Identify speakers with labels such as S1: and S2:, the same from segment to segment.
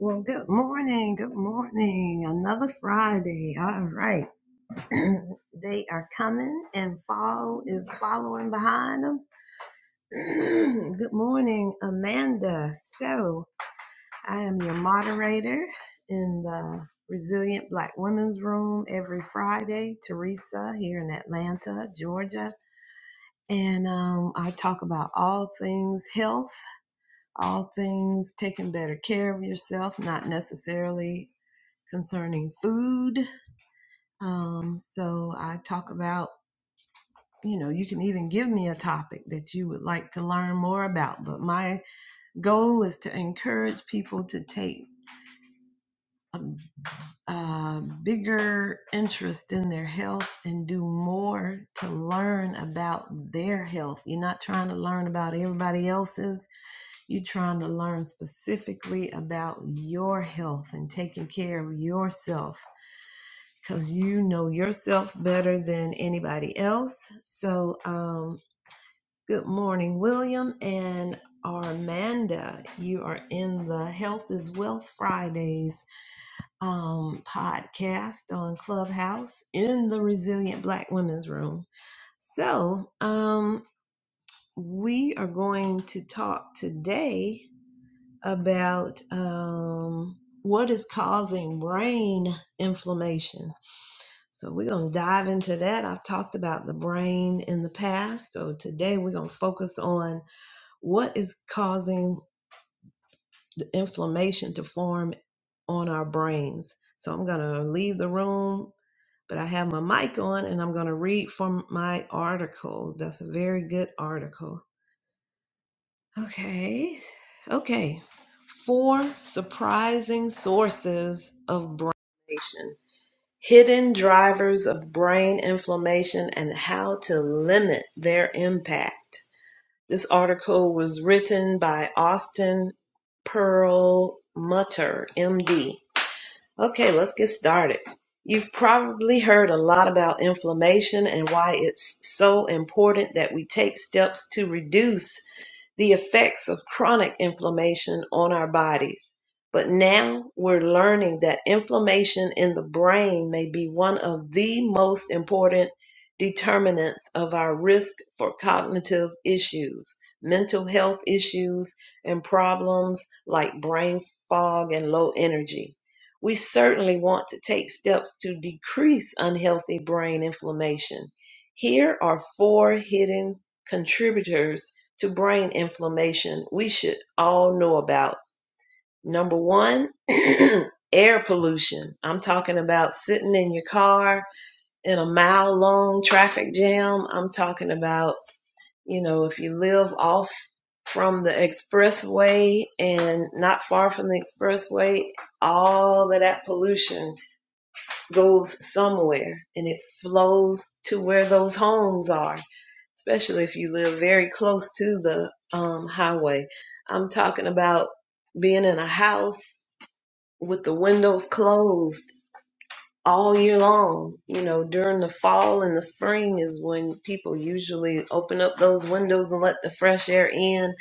S1: Well, good morning. Good morning. Another Friday. All right. they are coming and fall is following behind them. good morning, Amanda. So, I am your moderator in the Resilient Black Women's Room every Friday. Teresa here in Atlanta, Georgia. And um, I talk about all things health, all things taking better care of yourself, not necessarily concerning food. Um, so I talk about, you know, you can even give me a topic that you would like to learn more about. But my goal is to encourage people to take a bigger interest in their health and do more to learn about their health. You're not trying to learn about everybody else's, you're trying to learn specifically about your health and taking care of yourself because you know yourself better than anybody else. So, um, good morning, William and Armanda. You are in the Health is Wealth Fridays um, podcast on Clubhouse in the Resilient Black Women's Room. So, um, we are going to talk today about um, what is causing brain inflammation So we're going to dive into that. I've talked about the brain in the past. So today we're going to focus on what is causing the inflammation to form on our brains. So I'm going to leave the room, but I have my mic on and I'm going to read from my article. That's a very good article. Okay. Okay. Four surprising sources of brain. inflammation. Hidden drivers of brain inflammation and how to limit their impact. This article was written by Austin Perlmutter, MD. Okay, let's get started. You've probably heard a lot about inflammation and why it's so important that we take steps to reduce the effects of chronic inflammation on our bodies. But now we're learning that inflammation in the brain may be one of the most important determinants of our risk for cognitive issues, mental health issues, and problems like brain fog and low energy. We certainly want to take steps to decrease unhealthy brain inflammation. Here are four hidden contributors to brain inflammation we should all know about. Number one, air pollution. I'm talking about sitting in your car in a mile long traffic jam. I'm talking about, you know, if you live off from the expressway and not far from the expressway, all of that pollution goes somewhere and it flows to where those homes are, especially if you live very close to the um, highway. I'm talking about being in a house with the windows closed all year long. You know, during the fall and the spring is when people usually open up those windows and let the fresh air in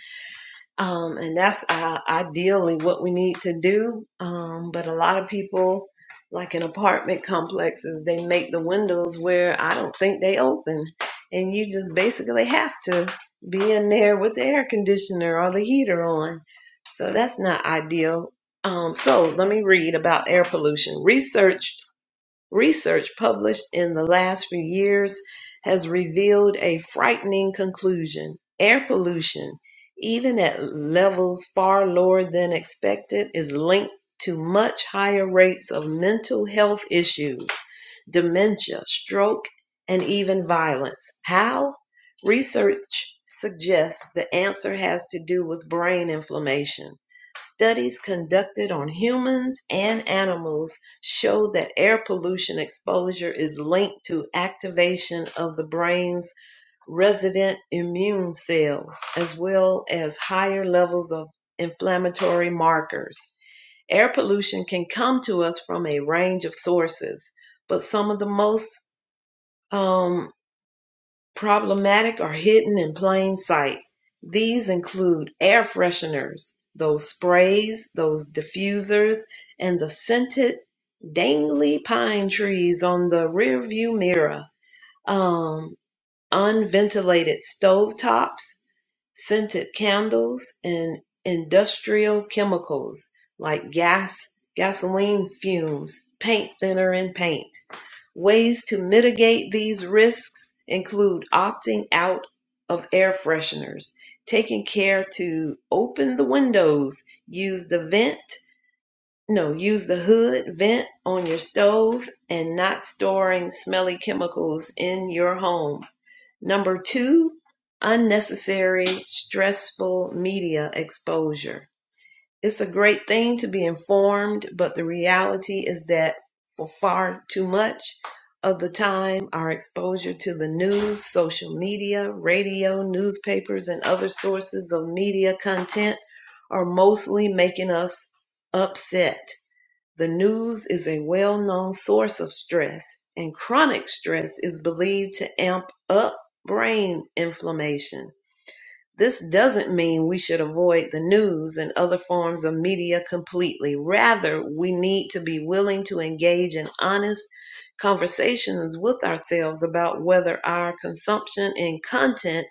S1: um, and that's uh, ideally what we need to do. Um, but a lot of people, like in apartment complexes, they make the windows where I don't think they open. And you just basically have to be in there with the air conditioner or the heater on. So that's not ideal. Um, so let me read about air pollution. Research Research published in the last few years has revealed a frightening conclusion. Air pollution, even at levels far lower than expected, is linked to much higher rates of mental health issues, dementia, stroke, and even violence. How? Research suggests the answer has to do with brain inflammation. Studies conducted on humans and animals show that air pollution exposure is linked to activation of the brain's resident immune cells, as well as higher levels of inflammatory markers. Air pollution can come to us from a range of sources, but some of the most um, problematic are hidden in plain sight. These include air fresheners, those sprays, those diffusers, and the scented dangly pine trees on the rearview mirror, um, unventilated stovetops, scented candles, and industrial chemicals like gas, gasoline fumes, paint thinner, and paint. Ways to mitigate these risks include opting out of air fresheners, taking care to open the windows, use the vent, no, use the hood vent on your stove, and not storing smelly chemicals in your home. Number two, unnecessary stressful media exposure it's a great thing to be informed, but the reality is that for far too much of the time, our exposure to the news, social media, radio, newspapers, and other sources of media content are mostly making us upset. The news is a well known source of stress, and chronic stress is believed to amp up brain inflammation. This doesn't mean we should avoid the news and other forms of media completely. Rather, we need to be willing to engage in honest conversations with ourselves about whether our consumption and content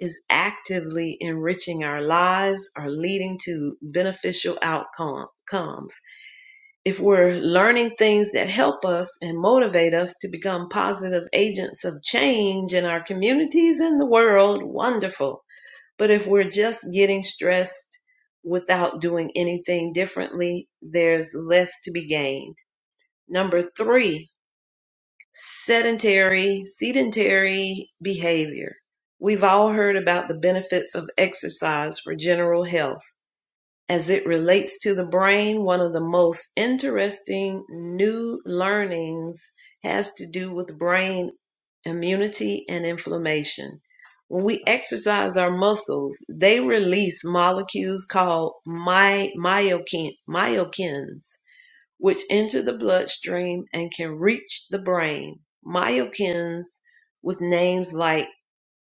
S1: is actively enriching our lives or leading to beneficial outcomes. If we're learning things that help us and motivate us to become positive agents of change in our communities and the world, wonderful. But if we're just getting stressed without doing anything differently, there's less to be gained. Number three, sedentary, sedentary behavior. We've all heard about the benefits of exercise for general health as it relates to the brain, one of the most interesting new learnings has to do with brain immunity and inflammation. When we exercise our muscles, they release molecules called my, myokin, myokines, which enter the bloodstream and can reach the brain. Myokines with names like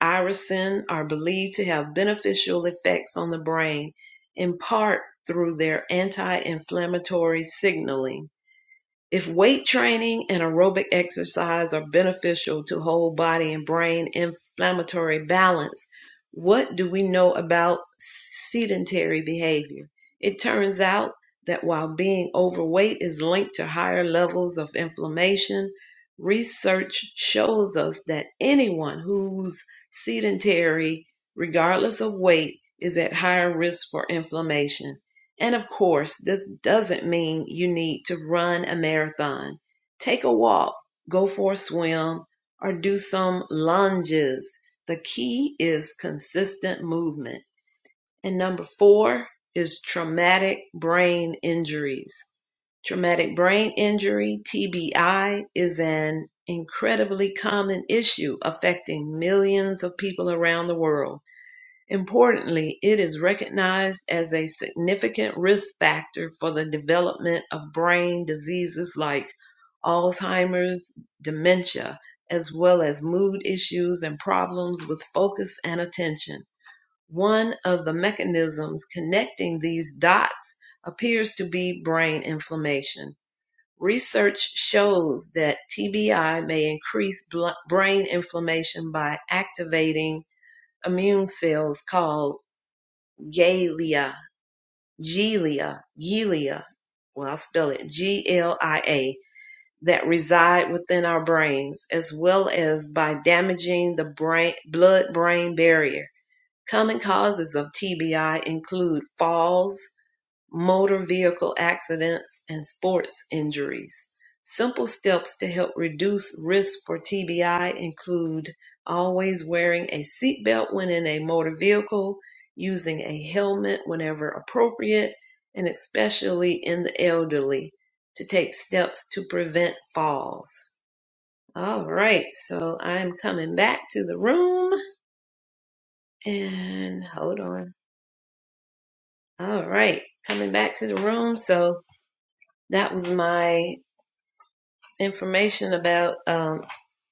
S1: Irisin are believed to have beneficial effects on the brain, in part through their anti-inflammatory signaling. If weight training and aerobic exercise are beneficial to whole body and brain inflammatory balance, what do we know about sedentary behavior? It turns out that while being overweight is linked to higher levels of inflammation, research shows us that anyone who's sedentary, regardless of weight, is at higher risk for inflammation. And of course, this doesn't mean you need to run a marathon. Take a walk, go for a swim, or do some lunges. The key is consistent movement. And number four is traumatic brain injuries. Traumatic brain injury, TBI, is an incredibly common issue affecting millions of people around the world. Importantly, it is recognized as a significant risk factor for the development of brain diseases like Alzheimer's, dementia, as well as mood issues and problems with focus and attention. One of the mechanisms connecting these dots appears to be brain inflammation. Research shows that TBI may increase bl- brain inflammation by activating immune cells called Galia, Gelia, Gelia. Well, I'll spell it G L I A that reside within our brains, as well as by damaging the brain, blood brain barrier. Common causes of TBI include falls, motor vehicle accidents, and sports injuries. Simple steps to help reduce risk for TBI include always wearing a seatbelt when in a motor vehicle, using a helmet whenever appropriate, and especially in the elderly to take steps to prevent falls. All right, so I'm coming back to the room and hold on. All right, coming back to the room. So that was my information about um,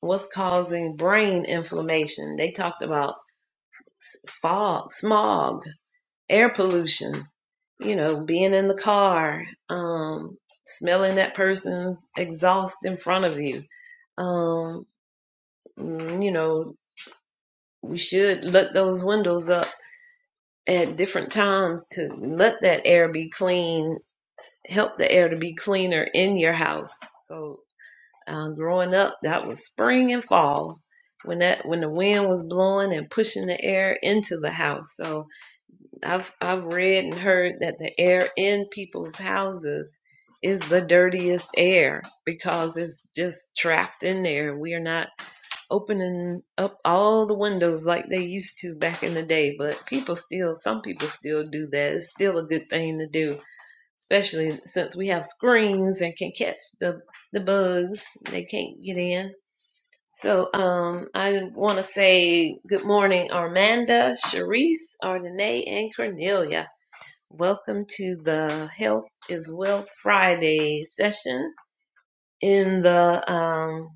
S1: what's causing brain inflammation. They talked about s- fog, smog, air pollution, you know, being in the car, um, smelling that person's exhaust in front of you. Um, mm, you know, we should let those windows up at different times to let that air be clean, help the air to be cleaner in your house. So. Uh, growing up, that was spring and fall when that when the wind was blowing and pushing the air into the house. So I've I've read and heard that the air in people's houses is the dirtiest air because it's just trapped in there. We are not opening up all the windows like they used to back in the day, but people still some people still do that. It's still a good thing to do especially since we have screens and can catch the the bugs. They can't get in. So um, I want to say good morning, Armanda, Sharice, Ardenae, and Cornelia. Welcome to the Health is Wealth Friday session in the um,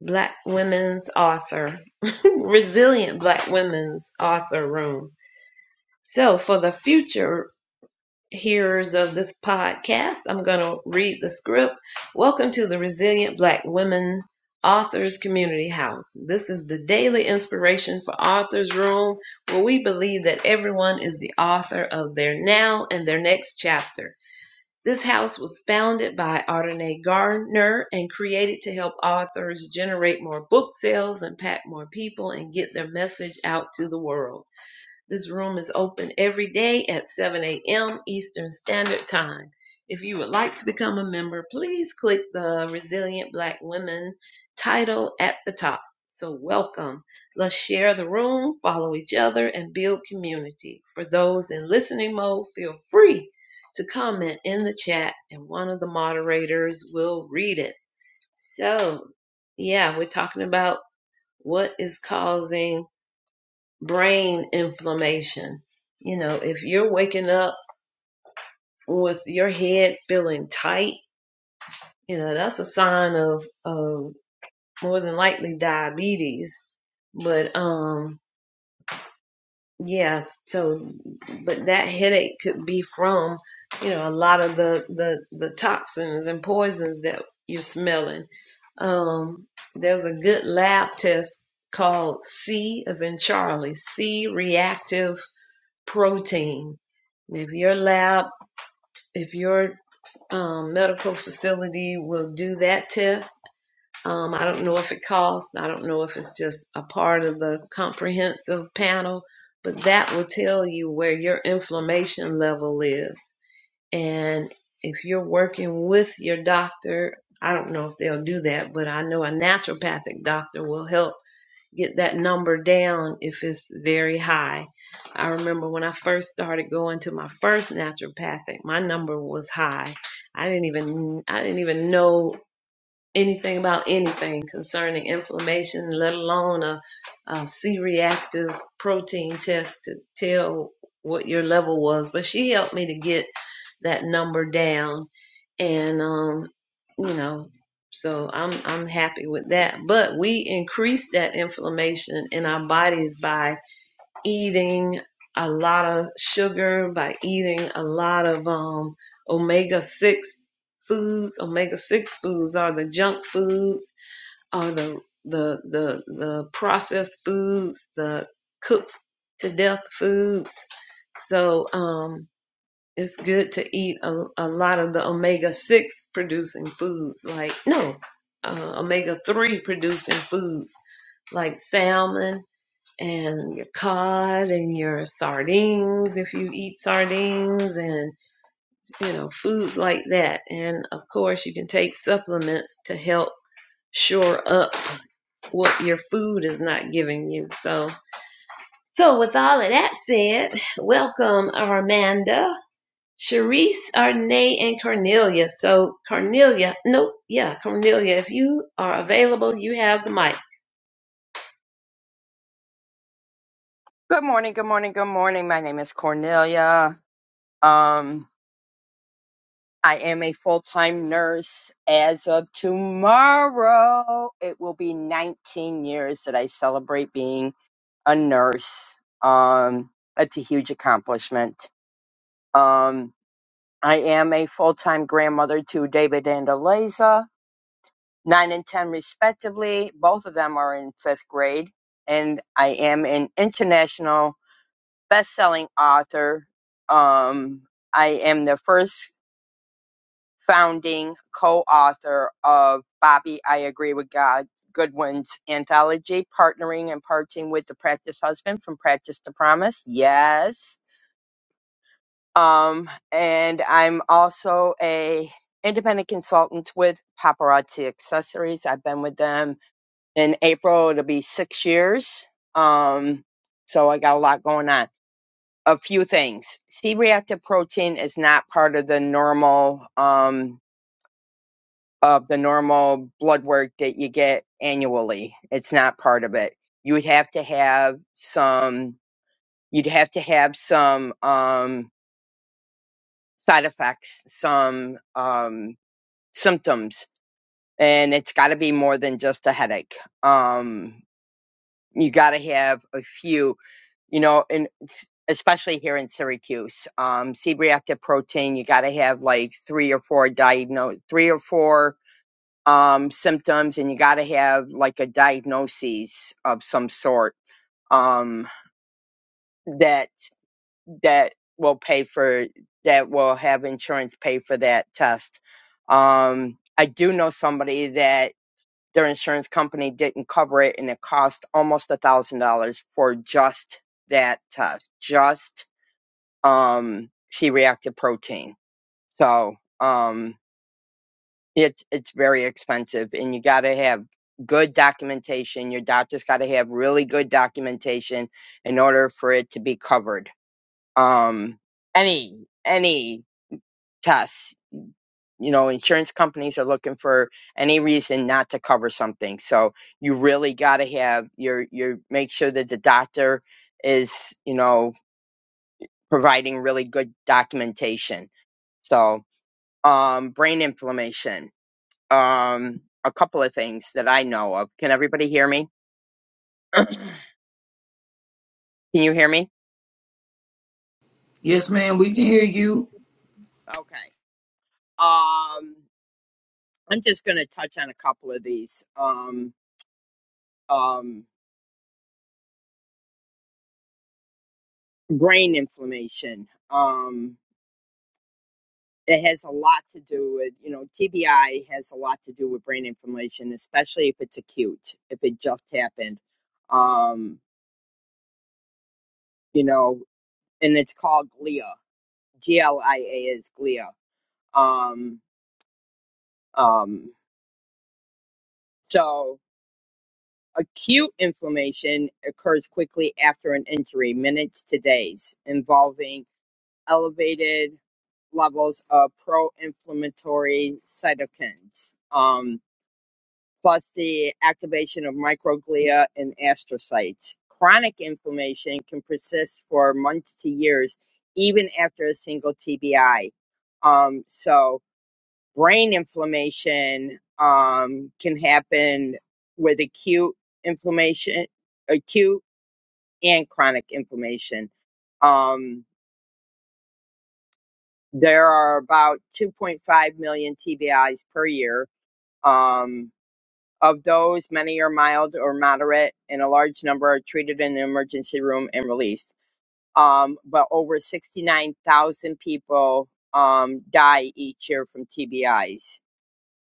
S1: Black Women's Author, Resilient Black Women's Author Room. So, for the future hearers of this podcast. I'm going to read the script. Welcome to the Resilient Black Women Authors Community House. This is the daily inspiration for Authors Room, where we believe that everyone is the author of their now and their next chapter. This house was founded by Ardenae Gardner and created to help authors generate more book sales, impact more people, and get their message out to the world. This room is open every day at 7 a.m. Eastern Standard Time. If you would like to become a member, please click the Resilient Black Women title at the top. So, welcome. Let's share the room, follow each other, and build community. For those in listening mode, feel free to comment in the chat, and one of the moderators will read it. So, yeah, we're talking about what is causing brain inflammation. You know, if you're waking up with your head feeling tight, you know, that's a sign of, of more than likely diabetes. But, um, yeah, so, but that headache could be from, you know, a lot of the, the, the toxins and poisons that you're smelling. Um, there's a good lab test called C as in Charlie, C reactive protein. if your lab, if your um, medical facility will do that test, um, I don't know if it costs, I don't know if it's just a part of the comprehensive panel, but that will tell you where your inflammation level is. And if you're working with your doctor, I don't know if they'll do that, but I know a naturopathic doctor will help get that number down if it's very high. I remember when I first started going to my first naturopathic, my number was high. I didn't even I didn't even know anything about anything concerning inflammation, let alone a, a C-reactive protein test to tell what your level was. But she helped me to get that number down, and um, you know, so I'm I'm happy with that. But we increase that inflammation in our bodies by eating a lot of sugar, by eating a lot of um, omega 6 foods. Omega 6 foods are the junk foods, are the, the, the, the processed foods, the cooked to death foods. So um, it's good to eat a, a lot of the omega 6 producing foods, like, no, uh, omega 3 producing foods like salmon and your cod and your sardines if you eat sardines and you know foods like that and of course you can take supplements to help shore up what your food is not giving you so so with all of that said welcome armanda Charisse, Arnay, and Cornelia. So Cornelia, nope, yeah, Cornelia, if you are available, you have the mic.
S2: Good morning, good morning, good morning. My name is Cornelia. Um, I am a full time nurse. As of tomorrow, it will be 19 years that I celebrate being a nurse. Um, it's a huge accomplishment. Um, I am a full time grandmother to David and Eliza, nine and 10 respectively. Both of them are in fifth grade. And I am an international best-selling author. Um, I am the first founding co-author of Bobby, I Agree with God Goodwin's anthology, partnering and parting with the practice husband from Practice to Promise. Yes. Um, and I'm also a independent consultant with Paparazzi Accessories. I've been with them in April. It'll be six years. Um, so I got a lot going on. a few things. C-reactive protein is not part of the normal um, of the normal blood work that you get annually. It's not part of it. You would have to have some. You'd have to have some um, side effects, some um, symptoms, and it's got to be more than just a headache. Um, you got to have a few. you know, and especially here in Syracuse, um, C-reactive protein, you got to have like three or four diagnose, three or four um, symptoms, and you got to have like a diagnosis of some sort um, that that will pay for that will have insurance pay for that test. Um, I do know somebody that their insurance company didn't cover it, and it cost almost a thousand dollars for just that test, just um, C-reactive protein. So um, it's it's very expensive, and you got to have good documentation. Your doctor's got to have really good documentation in order for it to be covered. Um, any any tests, you know, insurance companies are looking for any reason not to cover something. So you really got to have your your make sure that the doctor is you know providing really good documentation. So. um, brain inflammation, um, a couple of things that I know of. Can everybody hear me? Can you hear me?
S3: Yes, ma'am, we can hear you.
S2: Okay. Um, I'm just going to touch on a couple of these. Um, um, brain inflammation. Um, it has a lot to do with, you know, TBI has a lot to do with brain inflammation, especially if it's acute, if it just happened. Um, you know, and it's called glia. G L I A is glia. Um, um, So acute inflammation occurs quickly after an injury, minutes to days, involving elevated levels of pro-inflammatory cytokines, um, plus the activation of microglia and astrocytes. Chronic inflammation can persist for months to years, even after a single TBI. Um, so brain inflammation um, can happen with acute inflammation, acute and chronic inflammation. Um, there are about 2.5 million TBIs per year. Um, of those, many are mild or moderate, and a large number are treated in the emergency room and released. Um, but over 69,000 people um, die each year from TBIs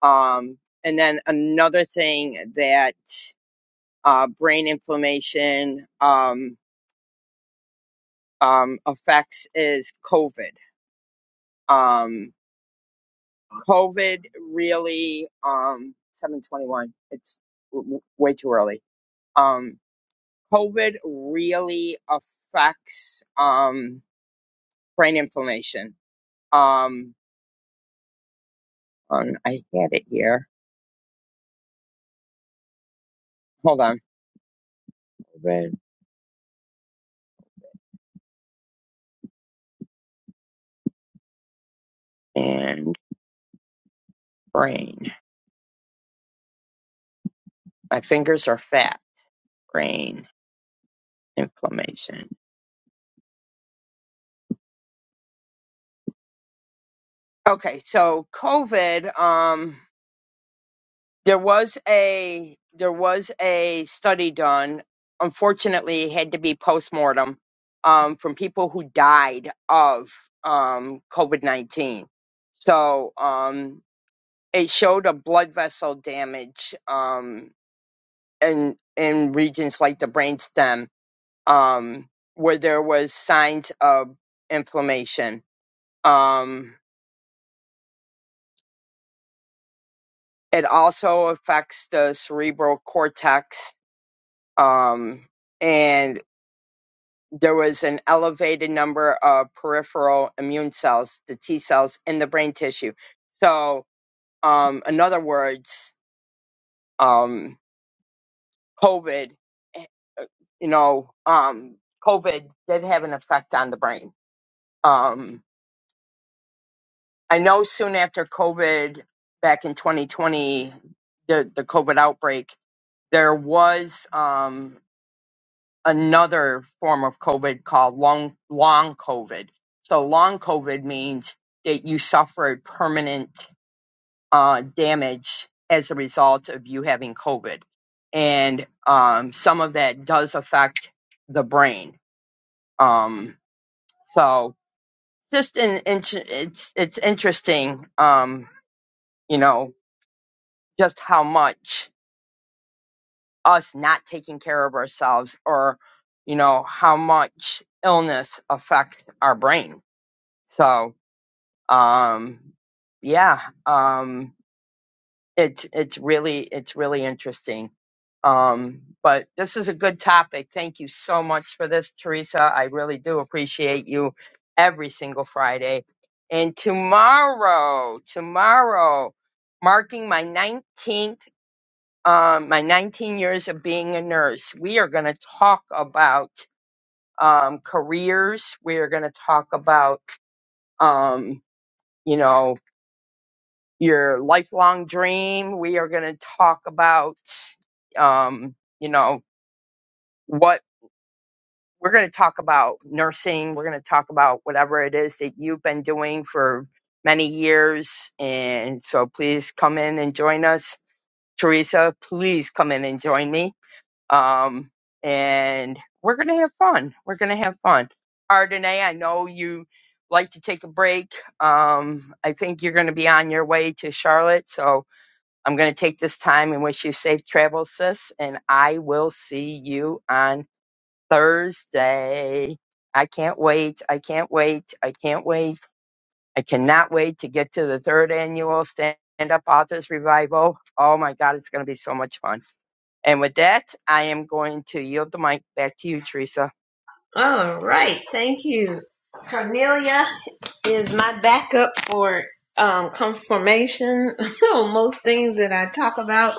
S2: Um, and then another thing that uh, brain inflammation um, um, affects is COVID. Um, COVID really, um, 721, it's w- w- way too early. Um, COVID really affects um, brain inflammation. Um, um, I had it here. Hold on. COVID and brain. My fingers are fat. Brain inflammation. Okay, so COVID, um, there was a there was a study done. Unfortunately, it had to be postmortem um, from people who died of um, COVID nineteen. So um, it showed a blood vessel damage um, in in regions like the brainstem, um, where there was signs of inflammation. Um, It also affects the cerebral cortex. Um, and there was an elevated number of peripheral immune cells, the T cells in the brain tissue. So, um, in other words, um, COVID, eh, uh, you know, um, COVID did have an effect on the brain. Um, I know soon after COVID, back in 2020, the, the COVID outbreak, there was. Um, another form of COVID called long long COVID. So long COVID means that you suffered permanent uh, damage as a result of you having COVID, and um, some of that does affect the brain. Um, so it's just an int- it's it's interesting, um, you know, just how much us not taking care of ourselves or you know how much illness affects our brain So, um, yeah, um, it's it's really it's really interesting. Um, but this is a good topic. Thank you so much for this, Teresa. I really do appreciate you every single Friday. And tomorrow, tomorrow, marking my 19th, um, my 19 years of being a nurse, we are going to talk about um, careers. We are going to talk about, um, you know, your lifelong dream. We are going to talk about, um, you know, what we're going to talk about nursing. We're going to talk about whatever it is that you've been doing for many years. And so please come in and join us. Teresa, please come in and join me. Um, and we're going to have fun. We're going to have fun. Ardenae, I know you like to take a break. Um, I think you're going to be on your way to Charlotte. So, I'm going to take this time and wish you safe travels, sis. And I will see you on Thursday. I can't wait. I can't wait. I can't wait. I cannot wait to get to the third annual Stand Up Authors Revival. Oh my God, it's going to be so much fun. And with that, I am going to yield the mic back to you, Teresa.
S1: All right, thank you. Cornelia is my backup for um, confirmation on most things that I talk about.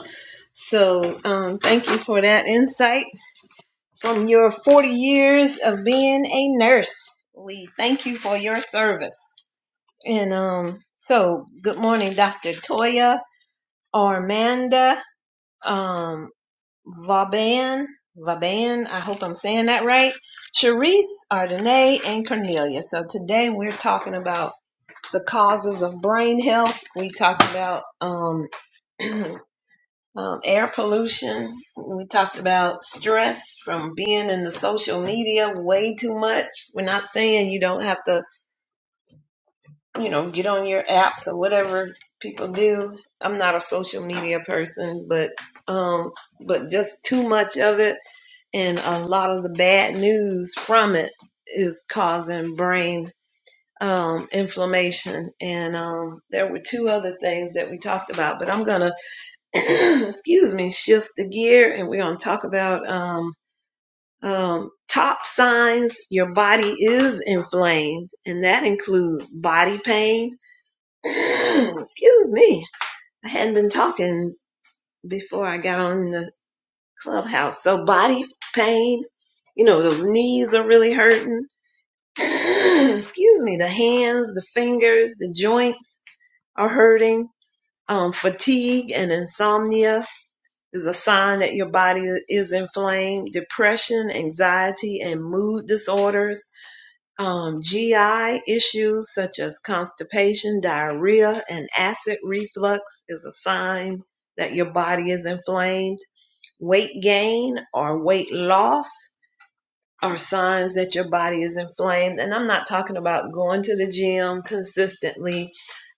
S1: So um, thank you for that insight from your 40 years of being a nurse. We thank you for your service. And um, so, good morning, Dr. Toya, Armanda. um, Vaban, Vaban, I hope I'm saying that right, Charisse, Ardenae, and Cornelia. So today we're talking about the causes of brain health. We talked about um, um, air pollution. We talked about stress from being in the social media way too much. We're not saying you don't have to, you know, get on your apps or whatever people do. I'm not a social media person, but um, but just too much of it and a lot of the bad news from it is causing brain um, inflammation. And um, there were two other things that we talked about, but I'm gonna, excuse me, shift the gear, and we're gonna talk about um, um, top signs your body is inflamed, and that includes body pain. excuse me, I hadn't been talking before I got on the clubhouse, so body pain. You know, those knees are really hurting excuse me, the hands, the fingers, the joints are hurting. Um, fatigue and insomnia is a sign that your body is inflamed. Depression, anxiety, and mood disorders. Um, GI issues such as constipation, diarrhea, and acid reflux is a sign that your body is inflamed. Weight gain or weight loss are signs that your body is inflamed. And I'm not talking about going to the gym consistently,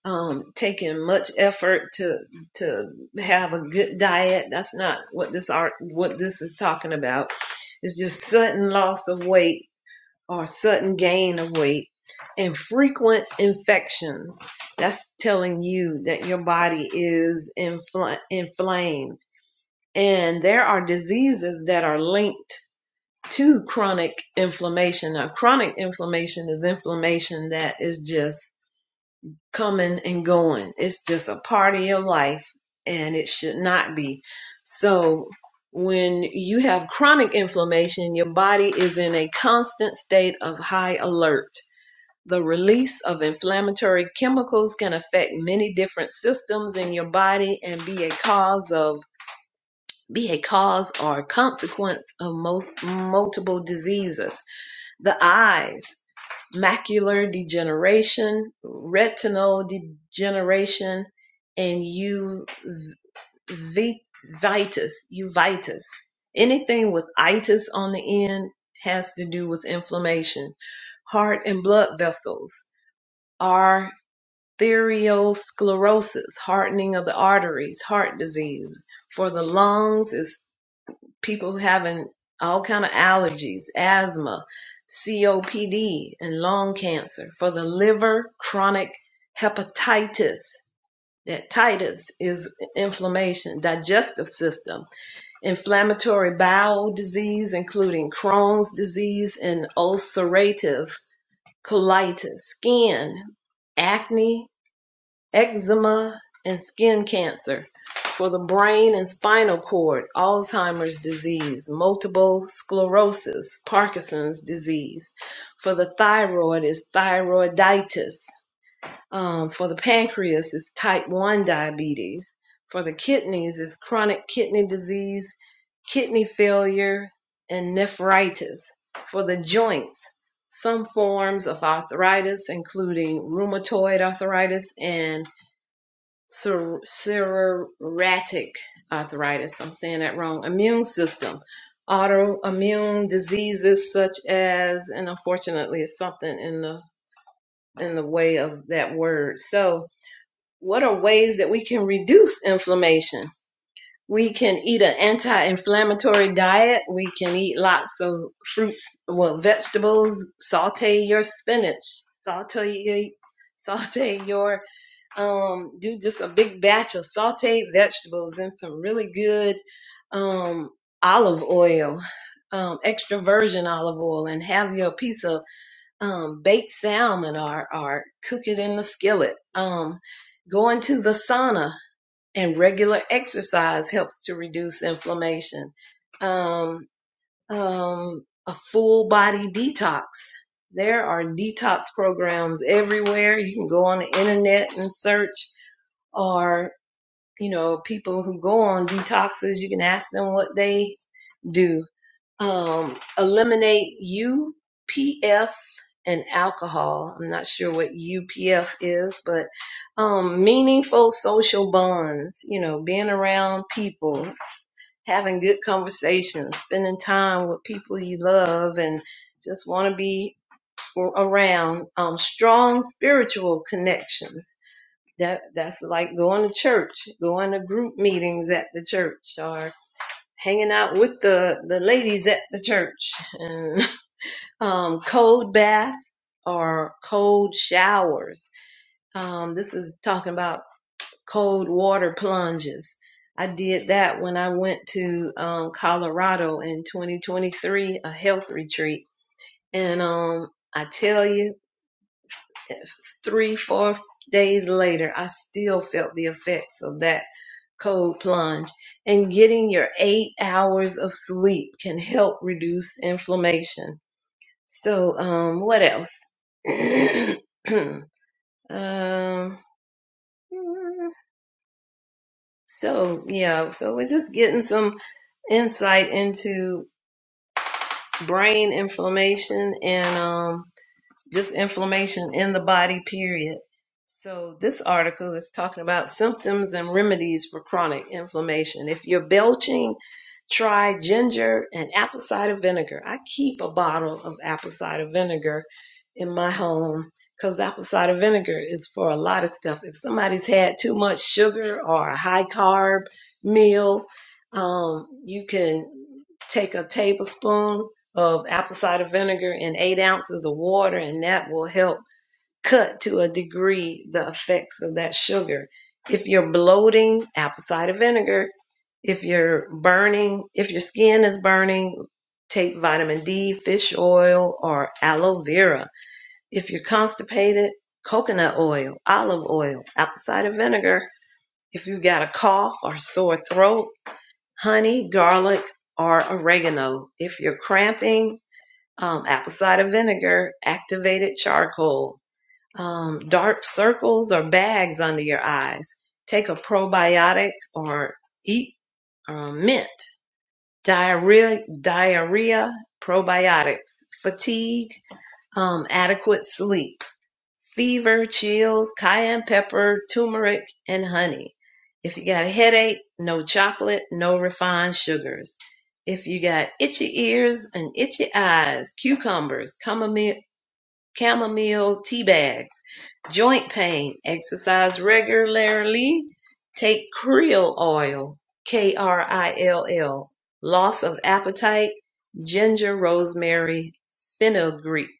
S1: um, taking much effort to to have a good diet. That's not what this art what this is talking about. It's just sudden loss of weight or sudden gain of weight and frequent infections. That's telling you that your body is infl- inflamed. And there are diseases that are linked to chronic inflammation. Now, chronic inflammation is inflammation that is just coming and going. It's just a part of your life and it should not be. So, when you have chronic inflammation, your body is in a constant state of high alert. The release of inflammatory chemicals can affect many different systems in your body and be a cause of be a cause or consequence of most multiple diseases. The eyes, macular degeneration, retinal degeneration, and uveitis. Uveitis. Anything with itis on the end has to do with inflammation. Heart and blood vessels, arteriosclerosis, hardening of the arteries, heart disease. For the lungs is people having all kind of allergies, asthma, COPD, and lung cancer. For the liver, chronic hepatitis. That titus is inflammation, digestive system, inflammatory bowel disease, including Crohn's disease and ulcerative colitis, skin, acne, eczema, and skin cancer, for the brain and spinal cord, Alzheimer's disease, multiple sclerosis, Parkinson's disease, for the thyroid is thyroiditis, um, for the pancreas is type 1 diabetes, for the kidneys is chronic kidney disease, kidney failure, and nephritis, for the joints, some forms of arthritis, including rheumatoid arthritis and ser- psoriatic arthritis. I'm saying that wrong. Immune system, autoimmune diseases such as, and unfortunately, it's something in the in the way of that word. So, what are ways that we can reduce inflammation? We can eat an anti-inflammatory diet. We can eat lots of fruits, well, vegetables. Saute your spinach. Saute your, saute your um, do just a big batch of sauteed vegetables and some really good um, olive oil, um, extra virgin olive oil, and have your piece of um, baked salmon or, or cook it in the skillet. Um, going to the sauna and regular exercise helps to reduce inflammation. Um, um, a full body detox. There are detox programs everywhere. You can go on the internet and search or you know people who go on detoxes you can ask them what they do um eliminate upf and alcohol i'm not sure what upf is but um meaningful social bonds you know being around people having good conversations spending time with people you love and just want to be around um, strong spiritual connections that that's like going to church, going to group meetings at the church, or hanging out with the the ladies at the church, and um, cold baths or cold showers. Um, this is talking about cold water plunges. I did that when I went to um, Colorado in 2023, a health retreat, and um, I tell you. three, four days later, I still felt the effects of that cold plunge. And getting your eight hours of sleep can help reduce inflammation. So, um, what else? um, so, yeah, so we're just getting some insight into brain inflammation and, um, just inflammation in the body, period. So, this article is talking about symptoms and remedies for chronic inflammation. If you're belching, try ginger and apple cider vinegar. I keep a bottle of apple cider vinegar in my home because apple cider vinegar is for a lot of stuff. If somebody's had too much sugar or a high carb meal, um, you can take a tablespoon of apple cider vinegar and eight ounces of water, and that will help cut to a degree the effects of that sugar. If you're bloating, apple cider vinegar. If you're burning, if your skin is burning, take vitamin D, fish oil, or aloe vera. If you're constipated, coconut oil, olive oil, apple cider vinegar. If you've got a cough or sore throat, honey, garlic, or oregano. If you're cramping, um, apple cider vinegar, activated charcoal, um, dark circles or bags under your eyes. Take a probiotic or eat um, mint, diarrhea, diarrhea, probiotics, fatigue, um, adequate sleep, fever, chills, cayenne pepper, turmeric, and honey. If you got a headache, no chocolate, no refined sugars if you got itchy ears and itchy eyes, cucumbers, chamomile, chamomile tea bags, joint pain, exercise regularly, take krill oil, K R I L L, loss of appetite, ginger, rosemary, fenugreek,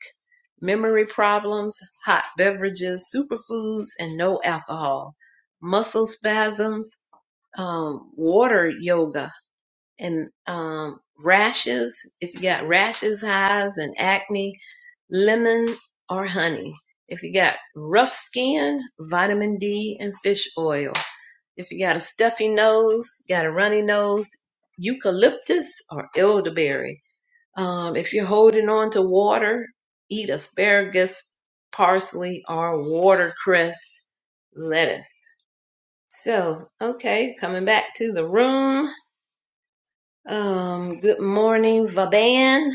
S1: memory problems, hot beverages, superfoods, and no alcohol, muscle spasms, um, water yoga and um, rashes. If you got rashes, hives, and acne, lemon or honey. If you got rough skin, vitamin D and fish oil. If you got a stuffy nose, got a runny nose, eucalyptus or elderberry. Um, if you're holding on to water, eat asparagus, parsley, or watercress lettuce. So, okay, coming back to the room. Um, good morning, Vaban,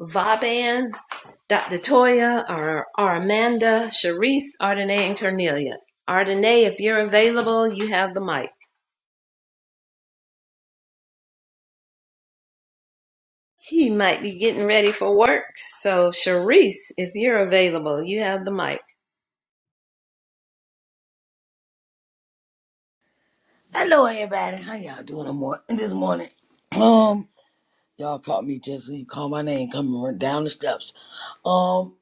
S1: Vaban, Dr. Toya, Ar- Armanda, Sharice, Ardenay, and Cornelia. Ardenay, if you're available, you have the mic. She might be getting ready for work, so Sharice, if you're available, you have the mic.
S3: Hello, everybody. How y'all doing this morning? This morning, um, y'all caught me just you call my name coming run down the steps. Um,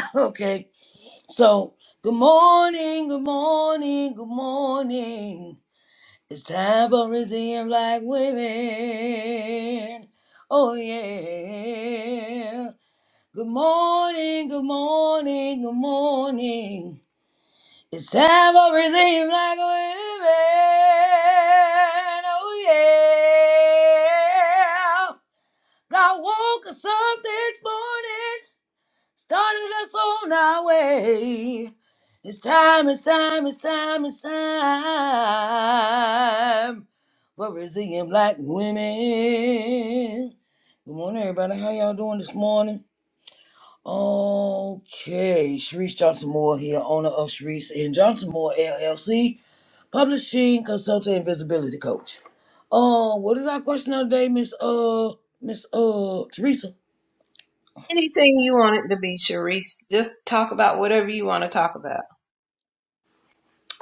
S3: okay. So, good morning, good morning, good morning. It's time for Museum Black Women. Oh yeah. Good morning, good morning, good morning. It's time for redeem like women. Oh yeah. God woke us up this morning, started us on our way. It's time, it's time, it's time, it's time for resilient black women. Good morning, everybody. How y'all doing this morning? Okay, Sharice Johnson Moore here, owner of Sharice and Johnson Moore LLC, publishing consultant and visibility coach. Uh, what is our question of the day, Miss uh Miss uh Teresa?
S1: Anything you want it to be, Sharice, just talk about whatever you want to talk about.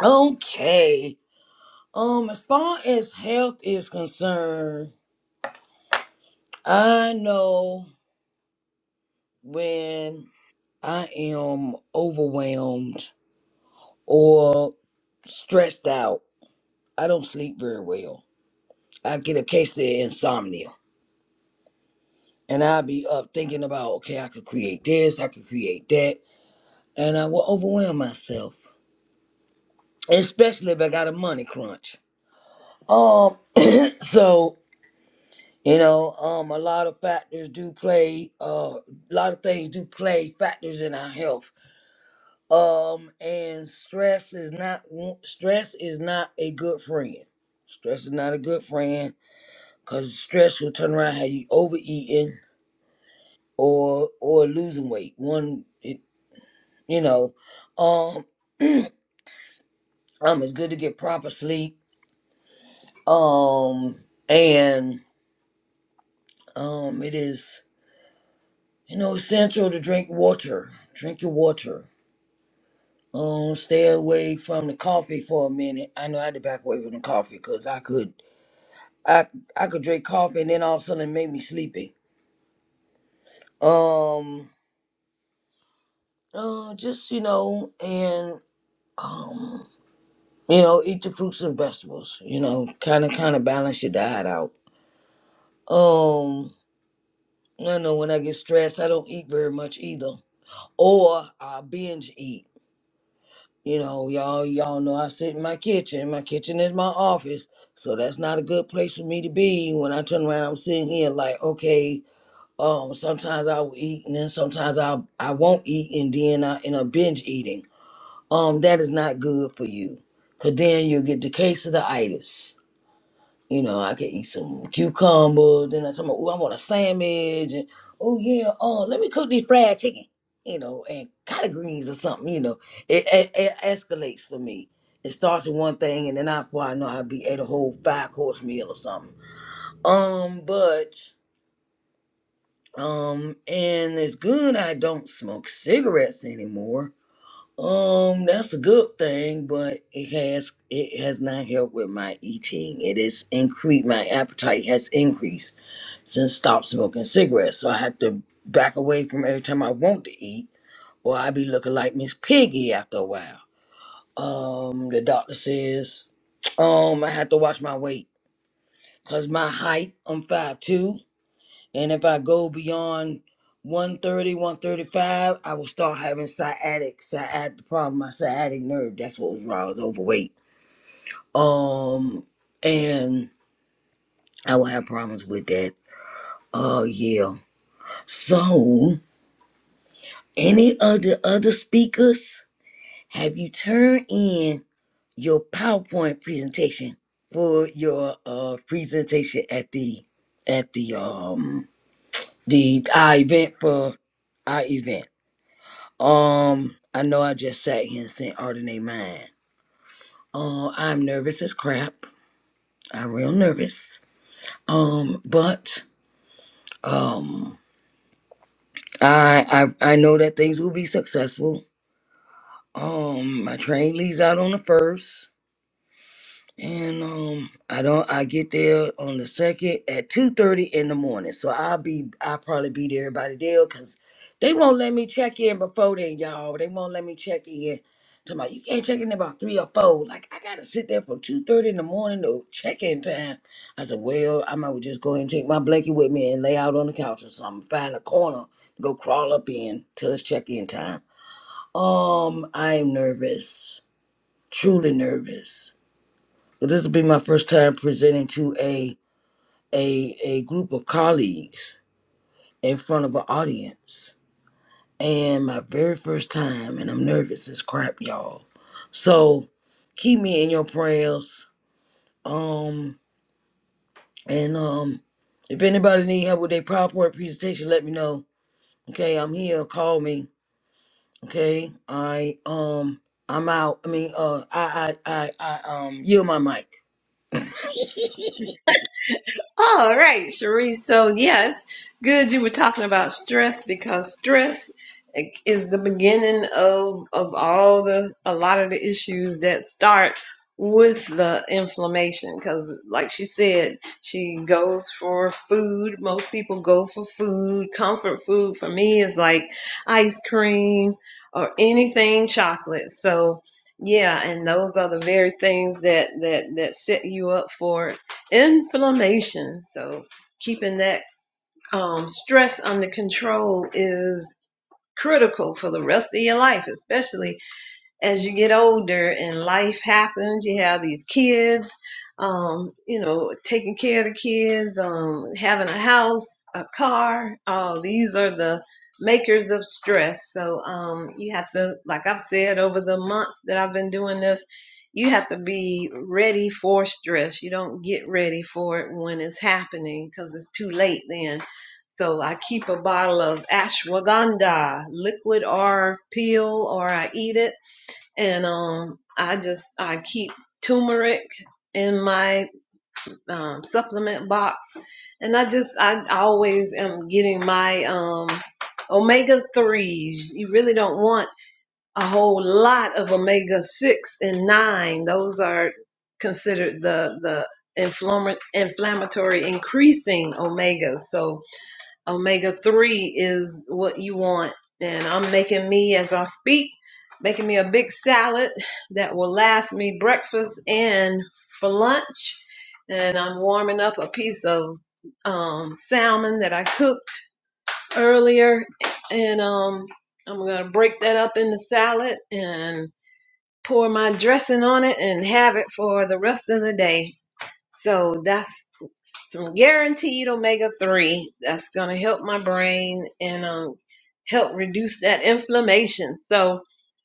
S3: Okay. Um, as far as health is concerned, I know when I am overwhelmed or stressed out, I don't sleep very well. I get a case of insomnia And I'd be up thinking about, okay, I could create this, I could create that. And I will overwhelm myself, especially if I got a money crunch. Um, so, you know, um, a lot of factors do play, uh, a lot of things do play factors in our health. Um, and stress is not, one- stress is not a good friend. Stress is not a good friend because stress will turn around how you overeating or, or losing weight. One, it. you know um um it's good to get proper sleep um and um it is you know essential to drink water drink your water um stay away from the coffee for a minute i know i had to back away from the coffee because i could i i could drink coffee and then all of a sudden it made me sleepy um uh just you know and um you know eat your fruits and vegetables you know kind of kind of balance your diet out um I know when I get stressed, I don't eat very much either, or I binge eat. You know, y'all, y'all know I sit in my kitchen. My kitchen is my office, so that's not a good place for me to be. When I turn around, I'm sitting here like, okay, um, sometimes I will eat, and then sometimes I I won't eat, and then I end up binge eating. Um, that is not good for you, cause then you'll get the case of the itis. You know, I could eat some cucumbers, and I'm talking about, oh, I want a sandwich, and oh yeah, oh, let me cook these fried chicken, you know, and collard greens or something, you know. It, it, it escalates for me. It starts with one thing, and then I, before I know, I'll be at a whole five course meal or something. Um, but um, and it's good I don't smoke cigarettes anymore. Um, that's a good thing, but it has it has not helped with my eating. It is increased. My appetite has increased since stopped smoking cigarettes. So I had to back away from every time I want to eat, or I be looking like Miss Piggy after a while. Um, the doctor says, um, I have to watch my weight because my height, I'm five two, and if I go beyond one thirty, one thirty five, I will start having sciatic, sciatic the problem, my sciatic nerve. That's what was wrong. I was overweight. Um, and I will have problems with that. Oh, yeah. So, Any of the other speakers, have you turned in your PowerPoint presentation for your uh, presentation at the at the um the our event for our event? Um, I know I just sat here and sent Ardenay mine. Uh, I'm nervous as crap. I'm real nervous. Um, but um, I I I know that things will be successful. Um, my train leaves out on the first. And um, I don't. I get there on the second at two thirty in the morning. So I'll be. I'll probably be there by the deal because they won't let me check in before then, y'all. They won't let me check in. Talking about you can't check in about three or four. Like I gotta sit there from two thirty in the morning to check in time. I said, well, I might well just go ahead and take my blanket with me and lay out on the couch or something. Find a corner to go crawl up in till it's check in time. Um, I am nervous. Truly nervous. Well, this will be my first time presenting to a a a group of colleagues in front of an audience and my very first time and i'm nervous as crap y'all so keep me in your prayers um and um if anybody need help with their powerpoint presentation let me know okay i'm here call me okay i um i'm out i mean uh i i i, I um yield my mic
S1: All right, Cherie. So, yes, good. You were talking about stress because stress is the beginning of of all the a lot of the issues that start with the inflammation. Because, like she said, she goes for food. Most people go for food. Comfort food for me is like ice cream or anything chocolate. So. Yeah, and those are the very things that that that set you up for inflammation. So keeping that um, stress under control is critical for the rest of your life, especially as you get older and life happens, you have these kids, um, you know, taking care of the kids, um, having a house, a car. Oh, these are the makers of stress. So um, you have to, like I've said over the months that I've been doing this, you have to be ready for stress. You don't get ready for it when it's happening because it's too late then. So I keep a bottle of ashwagandha, liquid or pill, or I eat it and um, I just I keep turmeric in my um, supplement box, and I just I always am getting my um, omega threes. You really don't want a whole lot of omega six and nine. Those are considered the the inflammatory inflammatory increasing omegas. So omega 3 is what you want. And I'm making me, as I speak, making me a big salad that will last me breakfast and for lunch. And I'm warming up a piece of um, salmon that I cooked earlier. And um, I'm going to break that up in the salad and pour my dressing on it and have it for the rest of the day. So that's some guaranteed omega three that's gonna help my brain and um help reduce that inflammation. So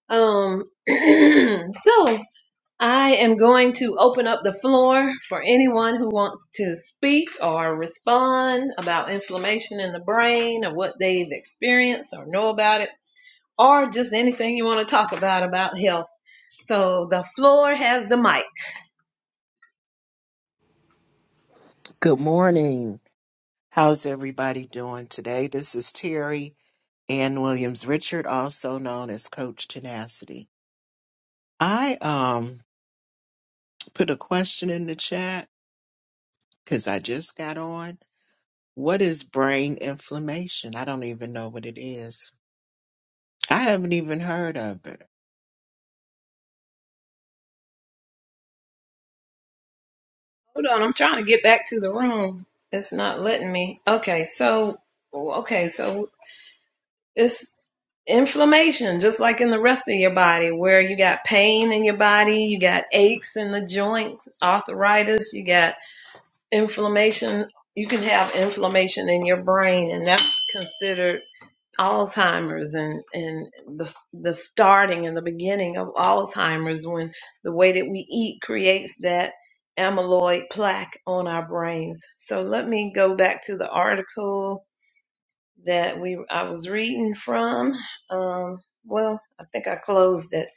S1: um so I am going to open up the floor for anyone who wants to speak or respond about inflammation in the brain or what they've experienced or know about it or just anything you want to talk about about health. So the floor has the mic.
S4: Good morning. How's everybody doing today? This is Terry Ann Williams Richard, also known as Coach Tenacity. I um put a question in the chat because I just got on. What is brain inflammation? I don't even know what it is. I haven't even heard of it.
S1: Hold on, I'm trying to get back to the room. It's not letting me. Okay, so okay, so it's inflammation, just like in the rest of your body, where you got pain in your body, you got aches in the joints, arthritis, you got inflammation. You can have inflammation in your brain, and that's considered Alzheimer's and and the the starting and the beginning of Alzheimer's when the way that we eat creates that amyloid plaque on our brains. So let me go back to the article that we I was reading from. Um, well, I think I closed it.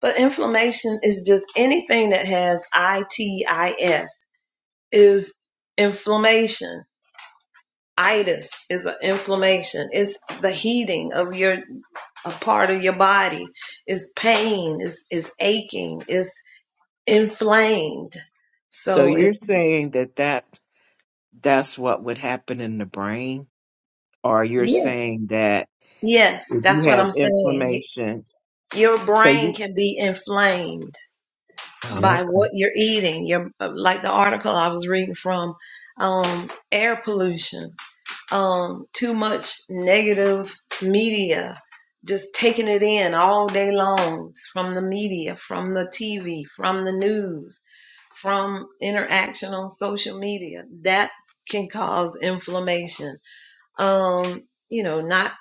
S1: But inflammation is just anything that has itis is inflammation. Itis is an inflammation. It's the heating of your a part of your body is pain, is is aching, is inflamed.
S4: So
S1: So if
S4: you're saying that that that's what would happen in the brain, or you're
S1: yes,
S4: saying that
S1: yes,
S4: if you
S1: that's what
S4: have
S1: I'm saying. You,
S4: inflammation,
S1: your
S4: so
S1: brain
S4: you.
S1: can be inflamed
S4: Oh,
S1: by what you're eating. Your like the article I was reading from um, air pollution. um, too much negative media, just taking it in all day longs from the media, from the TV, from the news, from interaction on social media. That can cause inflammation. Um, you know, not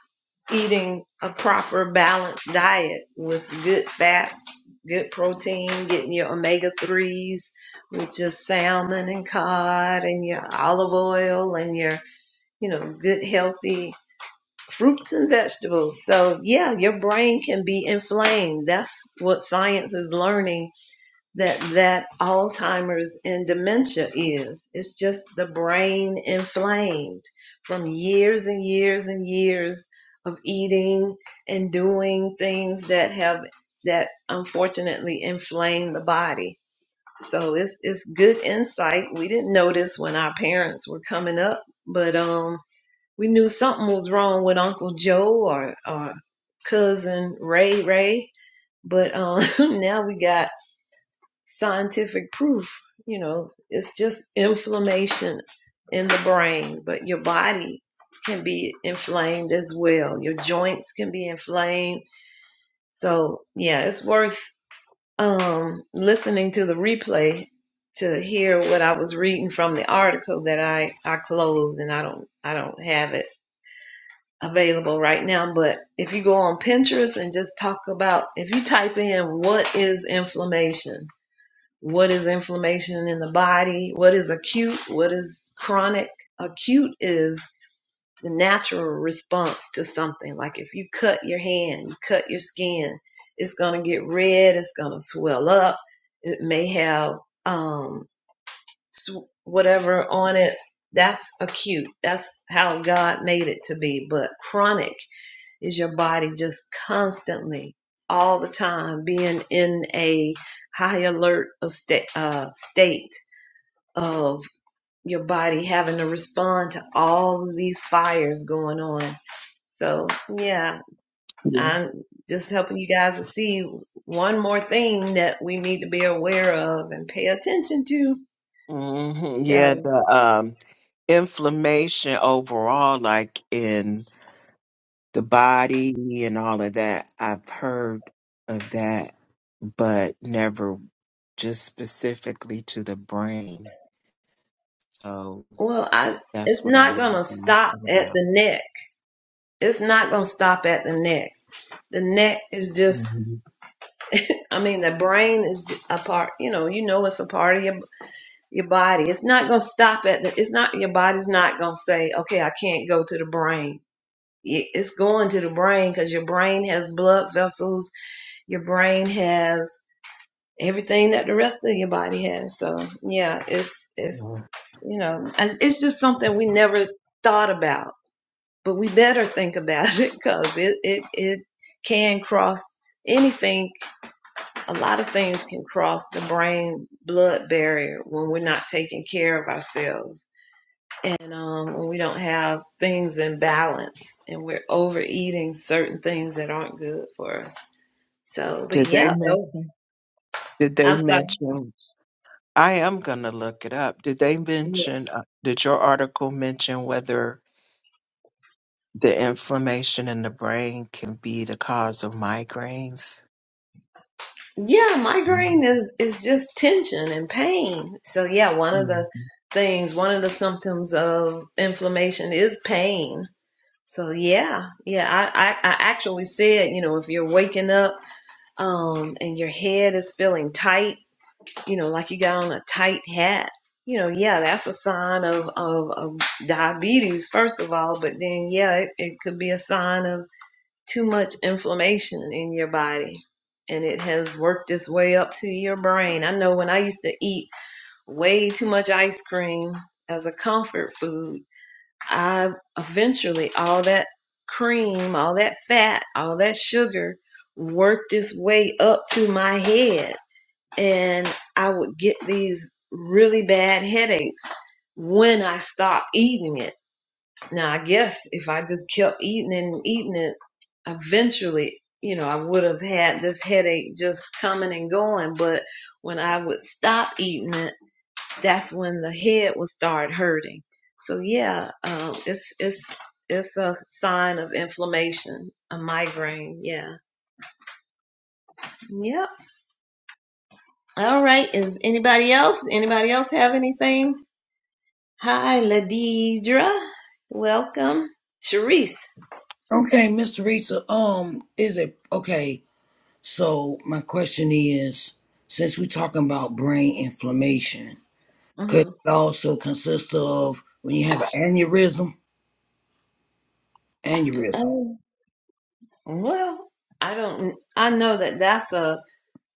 S1: eating a proper balanced diet with good fats, good protein, getting your omega 3s, which is salmon and cod and your olive oil and your you know, good, healthy fruits and vegetables. So, yeah, your brain can be inflamed. That's what science is learning that that Alzheimer's and dementia is. It's just the brain inflamed from years and years and years of eating and doing things that have that unfortunately inflame the body. So it's it's good insight. We didn't know this when our parents were coming up, but um we knew something was wrong with Uncle Joe or, or cousin Ray Ray, but um, now we got scientific proof. You know, it's just inflammation in the brain, but your body can be inflamed as well. Your joints can be inflamed. So yeah, it's worth um, listening to the replay to hear what I was reading from the article that I I closed and I don't I don't have it available right now, but if you go on Pinterest and just talk about, if you type in what is inflammation, what is inflammation in the body, what is acute, what is chronic, acute is the natural response to something. Like if you cut your hand, you cut your skin, it's going to get red, it's going to swell up, it may have. um, s- whatever on it. That's acute. That's how God made it to be. But chronic is your body just constantly, all the time, being in a high alert a sta- uh, state of your body having to respond to all of these fires going on. So, yeah,
S4: okay.
S1: I'm just helping you guys to see one more thing that we need to be aware of and pay attention to.
S4: hmm
S1: So.
S4: Yeah, the um, inflammation overall, like in the body and all of that. I've heard of that, but never just specifically to the brain. So
S1: Well, I
S4: that's
S1: it's
S4: what
S1: not
S4: I was
S1: gonna
S4: thinking
S1: stop at
S4: about.
S1: the neck. It's not gonna stop at the neck. The neck is just
S4: hmm
S1: I mean the brain is a part, you know, you know it's a part of your your body. It's not gonna stop at the it's not your body's not gonna say, "Okay, I can't go to the brain." It- It's going to the brain cuz your brain has blood vessels. Your brain has everything that the rest of your body has. So, yeah, it's it's
S4: Yeah.
S1: you know, it's it's just something we never thought about but we better think about it because it, it, it can cross anything. A lot of things can cross the brain blood barrier when we're not taking care of ourselves and um, when we don't have things in balance and we're overeating certain things that aren't good for us. So, but
S4: Did they
S1: yeah, oh,
S4: mention? Did they
S1: I'm sorry.
S4: mention? I am gonna look it up. Did they
S1: Yeah,
S4: mention? Uh, did your article mention whether the inflammation in the brain can be the cause of migraines?
S1: Yeah, migraine is is just tension and pain. So yeah, one of the things, one of the symptoms of inflammation is pain So yeah, yeah, I, I, I actually said, you know, if you're waking up um and your head is feeling tight, you know, like you got on a tight hat, you know, yeah, that's a sign of of, of diabetes first of all, but then yeah, it, it could be a sign of too much inflammation in your body. And it has worked its way up to your brain. I know when I used to eat way too much ice cream as a comfort food, I eventually all that cream, all that fat, all that sugar worked its way up to my head and I would get these really bad headaches when I stopped eating it. Now I guess if I just kept eating and eating it eventually, you know, I would have had this headache just coming and going, but when I would stop eating it that's when the head will start hurting. So yeah, um, it's it's it's a sign of inflammation, a migraine. Yeah. Yep. All right. Is anybody else? Anybody else have anything? Hi, Ladidra. Welcome, Sharice.
S3: okay mr Risa, um is it okay So my question is, since we're talking about brain inflammation, could
S1: hmm
S3: it also consist of when you have an aneurysm? Aneurysm.
S1: Oh, well, I don't. I know that that's a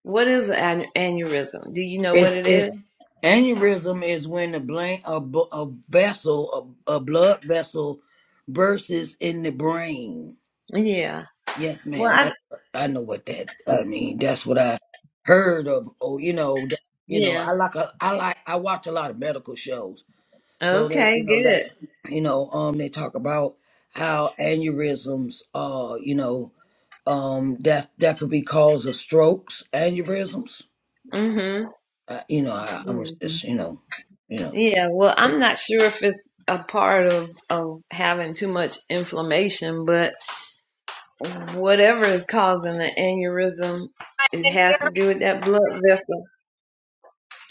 S1: what is an aneurysm? Do you know what
S3: It's
S1: it
S3: it's
S1: is?
S3: aneurysm is when the brain a, bu- a vessel a, a blood vessel bursts in the brain.
S1: Yeah.
S3: Yes,
S1: Well,
S3: ma'am.
S1: I
S3: That's I know what that. I mean, that's what I heard of. Or you know, that, you know,
S1: yeah.
S3: I like a, I like I watch a lot of medical shows. So they, you
S1: Okay.
S3: know,
S1: Good.
S3: that's, you know, um, they talk about how aneurysms, uh, you know, um, that that could be cause of strokes, aneurysms.
S1: Mm-hmm.
S3: Uh, you know, I, I
S1: Yeah.
S3: was just, you know, you know.
S1: Yeah, well, I'm not sure if it's a part of of having too much inflammation, but whatever is causing the aneurysm,
S2: i
S1: it
S2: in here.
S1: has to do with that blood vessel.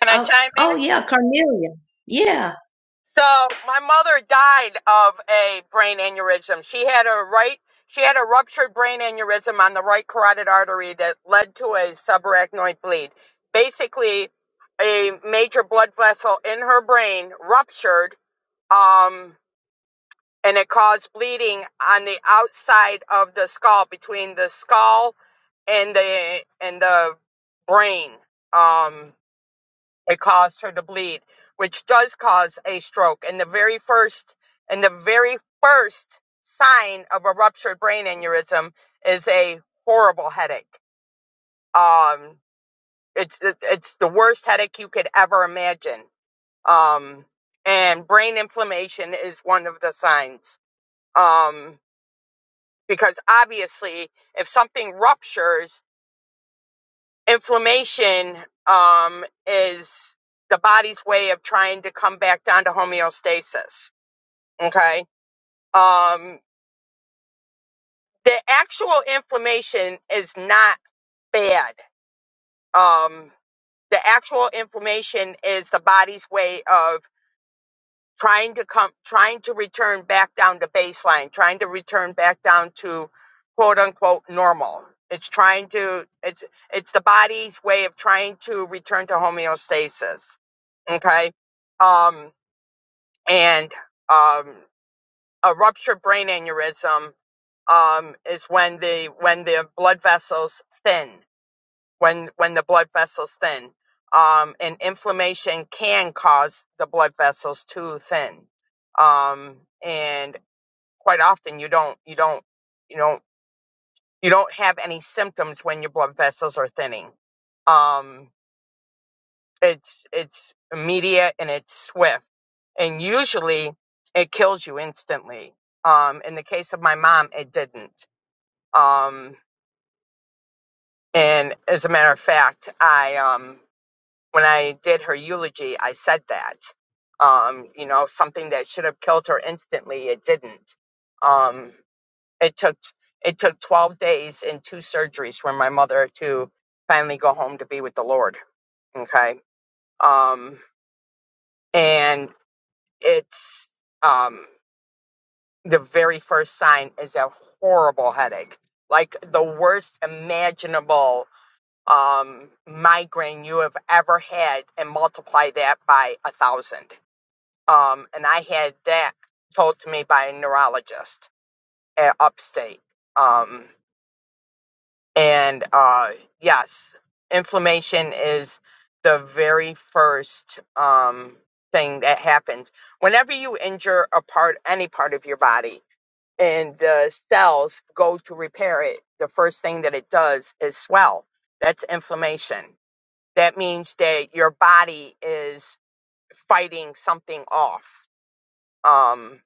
S2: Can I
S1: Oh,
S2: chime
S1: oh
S2: in?
S1: yeah, Carnelia. Yeah.
S2: So my mother died of a aneurysm. She had a right. She had a ruptured brain aneurysm on the right. Basically, a blood um, and it's eating on the eye, the skull, and and the brain. Um, it lead which and there's and the very first sign um, is a headache. Um, it's it, it's the evident. Um, and brain inflammation is one. Um, because obviously, if something ruptures inflammation um, is the body's way of trying to come back down to homeostasis. Okay. Um, the actual inflammation is not bad. Um, the actual inflammation is the body's way of trying to come, trying to return back down to baseline, trying to return back down to quote unquote normal. It's trying to, it's, it's the body's way of trying to return to homeostasis okay um and um a ruptured brain aneurysm um is when the when the blood vessels thin when when the blood vessels thin um and inflammation can cause the blood vessels to thin um and quite often you don't you don't you don't you don't have any symptoms when your blood vessels are thinning Um, it's it's immediate and it's swift and usually it kills you instantly um in the case of my mom it didn't um and as a matter of fact i um when i did her eulogy i said that um you know something that should have killed her instantly it didn't um it took it took 12 days and two surgeries for my mother to finally go home to be with the lord okay um and it's um the very first sign is a horrible headache like the worst imaginable um migraine you have ever had and multiply that by a thousand um and i had that told to me by a neurologist at upstate um and uh yes inflammation is the very first um thing that happens whenever you injure a part any part of your body and the cells go to repair it, the first thing that it does is swell. That's inflammation. That means that your body is fighting something off. Um,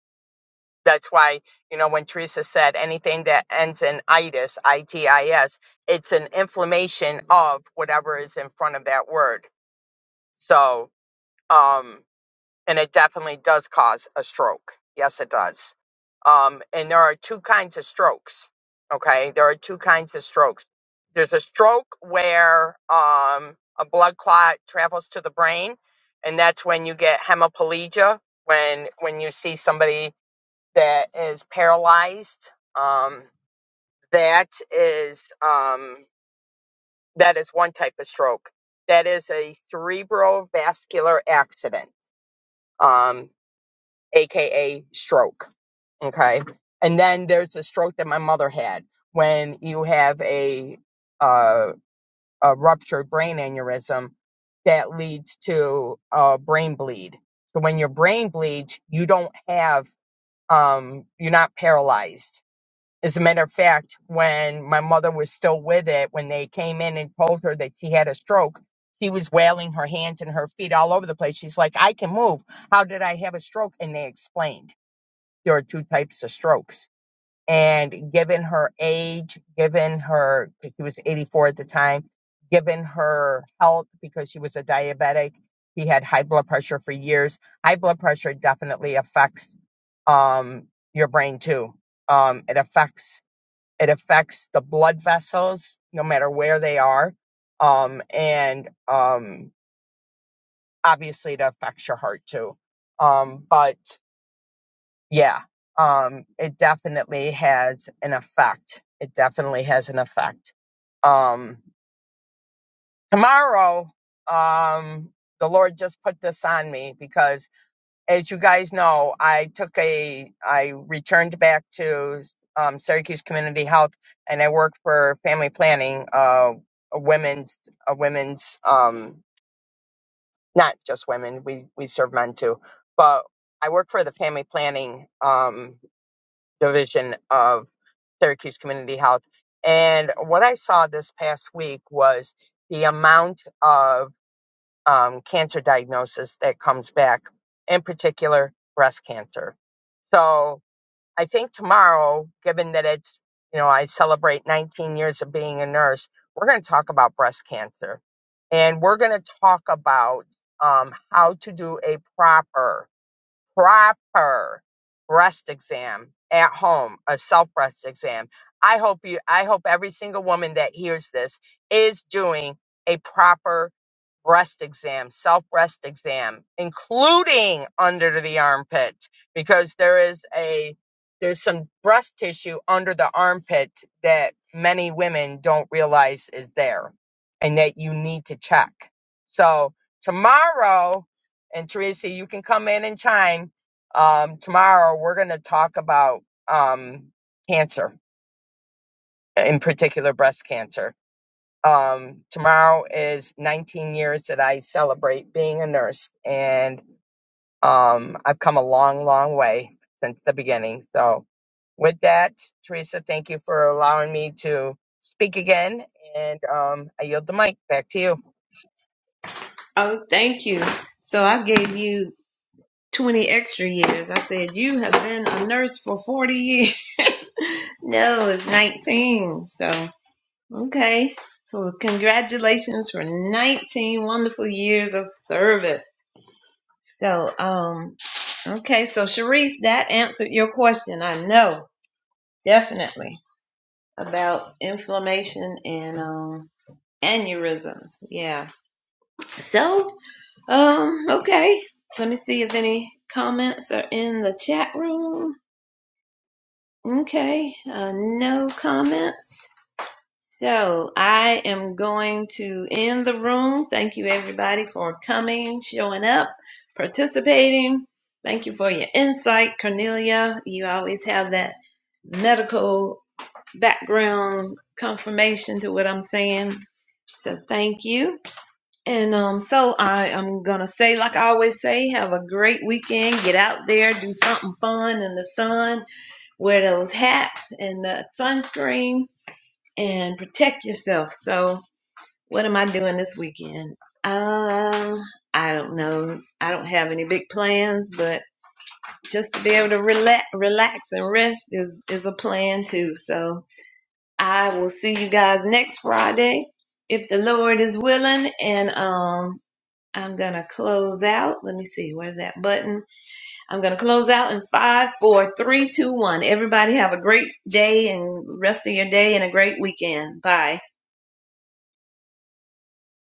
S2: that's why, you know, when Teresa said anything that ends in itis, I T I S, it's an inflammation of whatever is in front of that word. So, um, and it definitely does cause a stroke. Yes, it does. Um, and there are two kinds of strokes. Okay, there are two kinds of strokes. There's a stroke where um, a blood clot travels to the brain, and that's when you get hemiplegia. When when you see somebody that is paralyzed, um, that is um, that is one type of stroke. That is a cerebrovascular accident. Um, aka stroke. Okay. And then there's the stroke that my mother had when you have a uh, a ruptured brain aneurysm that leads to a brain bleed. So when your brain bleeds, you don't have um, you're not paralyzed. As a matter of fact, when my mother was still with it, when they came in and told her that she had a stroke, she was wailing her hands and her feet all over the place. She's like, I can move. How did I have a stroke? And they explained there are two types of strokes. And given her age, given her, she was 84 at the time, given her health, because she was a diabetic, she had high blood pressure for years. High blood pressure definitely affects um, your brain too. Um, it affects it affects the blood vessels, no matter where they are, um, and um, obviously it affects your heart too. Um, but yeah, um, it definitely has an effect. It definitely has an effect. Um, tomorrow, um, the Lord just put this on me because, as you guys know, I took a, I returned back to um, Syracuse Community Health, and I worked for family planning, uh, a women's, a women's, um, not just women. We we serve men too, but I work for the family planning. Um, division of Syracuse Community Health. And what I saw this past week was the amount of um, cancer diagnosis that comes back, in particular breast cancer. So I think tomorrow, given that it's, you know, I celebrate 19 years of being a nurse, we're going to talk about breast cancer. And we're going to talk about um, how to do a proper proper breast exam at home, a self breast exam. I hope you I hope every single woman that hears this is doing a proper breast exam, self breast exam, including under the armpit because there is a there's some breast tissue under the armpit that many women don't realize is there and that you need to check. So, tomorrow and Tracy, you can come in and chime. Um, tomorrow we're going to talk about um, cancer, in particular breast cancer. Um, tomorrow is 19 years that I celebrate being a nurse, and um, I've come a long, long way since the beginning. So, with that, Teresa, thank you for allowing me to speak again, and um, I yield the mic back to you.
S1: Oh, thank you. So I gave you 20 extra years. I said you have been a nurse for 40 years. no, it's 19. So, okay. So, congratulations for 19 wonderful years of service. So, um, okay, so Sharice, that answered your question. I know definitely about inflammation and um, aneurysms. Yeah. So, um, okay, let me see if any comments are in the chat room. Okay, uh, no comments. So I am going to end the room. Thank you, everybody, for coming, showing up, participating. Thank you for your insight, Cornelia. You always have that medical background confirmation to what I'm saying. So thank you. And um, so I am going to say, like I always say, have a great weekend. Get out there, do something fun in the sun, wear those hats and the sunscreen and protect yourself. So, what am I doing this weekend? Um, I don't know. I don't have any big plans, but just to be able to relax, relax and rest is is a plan too. So, I will see you guys next Friday if the Lord is willing and um I'm gonna close out. Let me see, where's that button? I'm gonna close out in five, four, three, two, one. Everybody have a great day and rest of your day and a great weekend. Bye.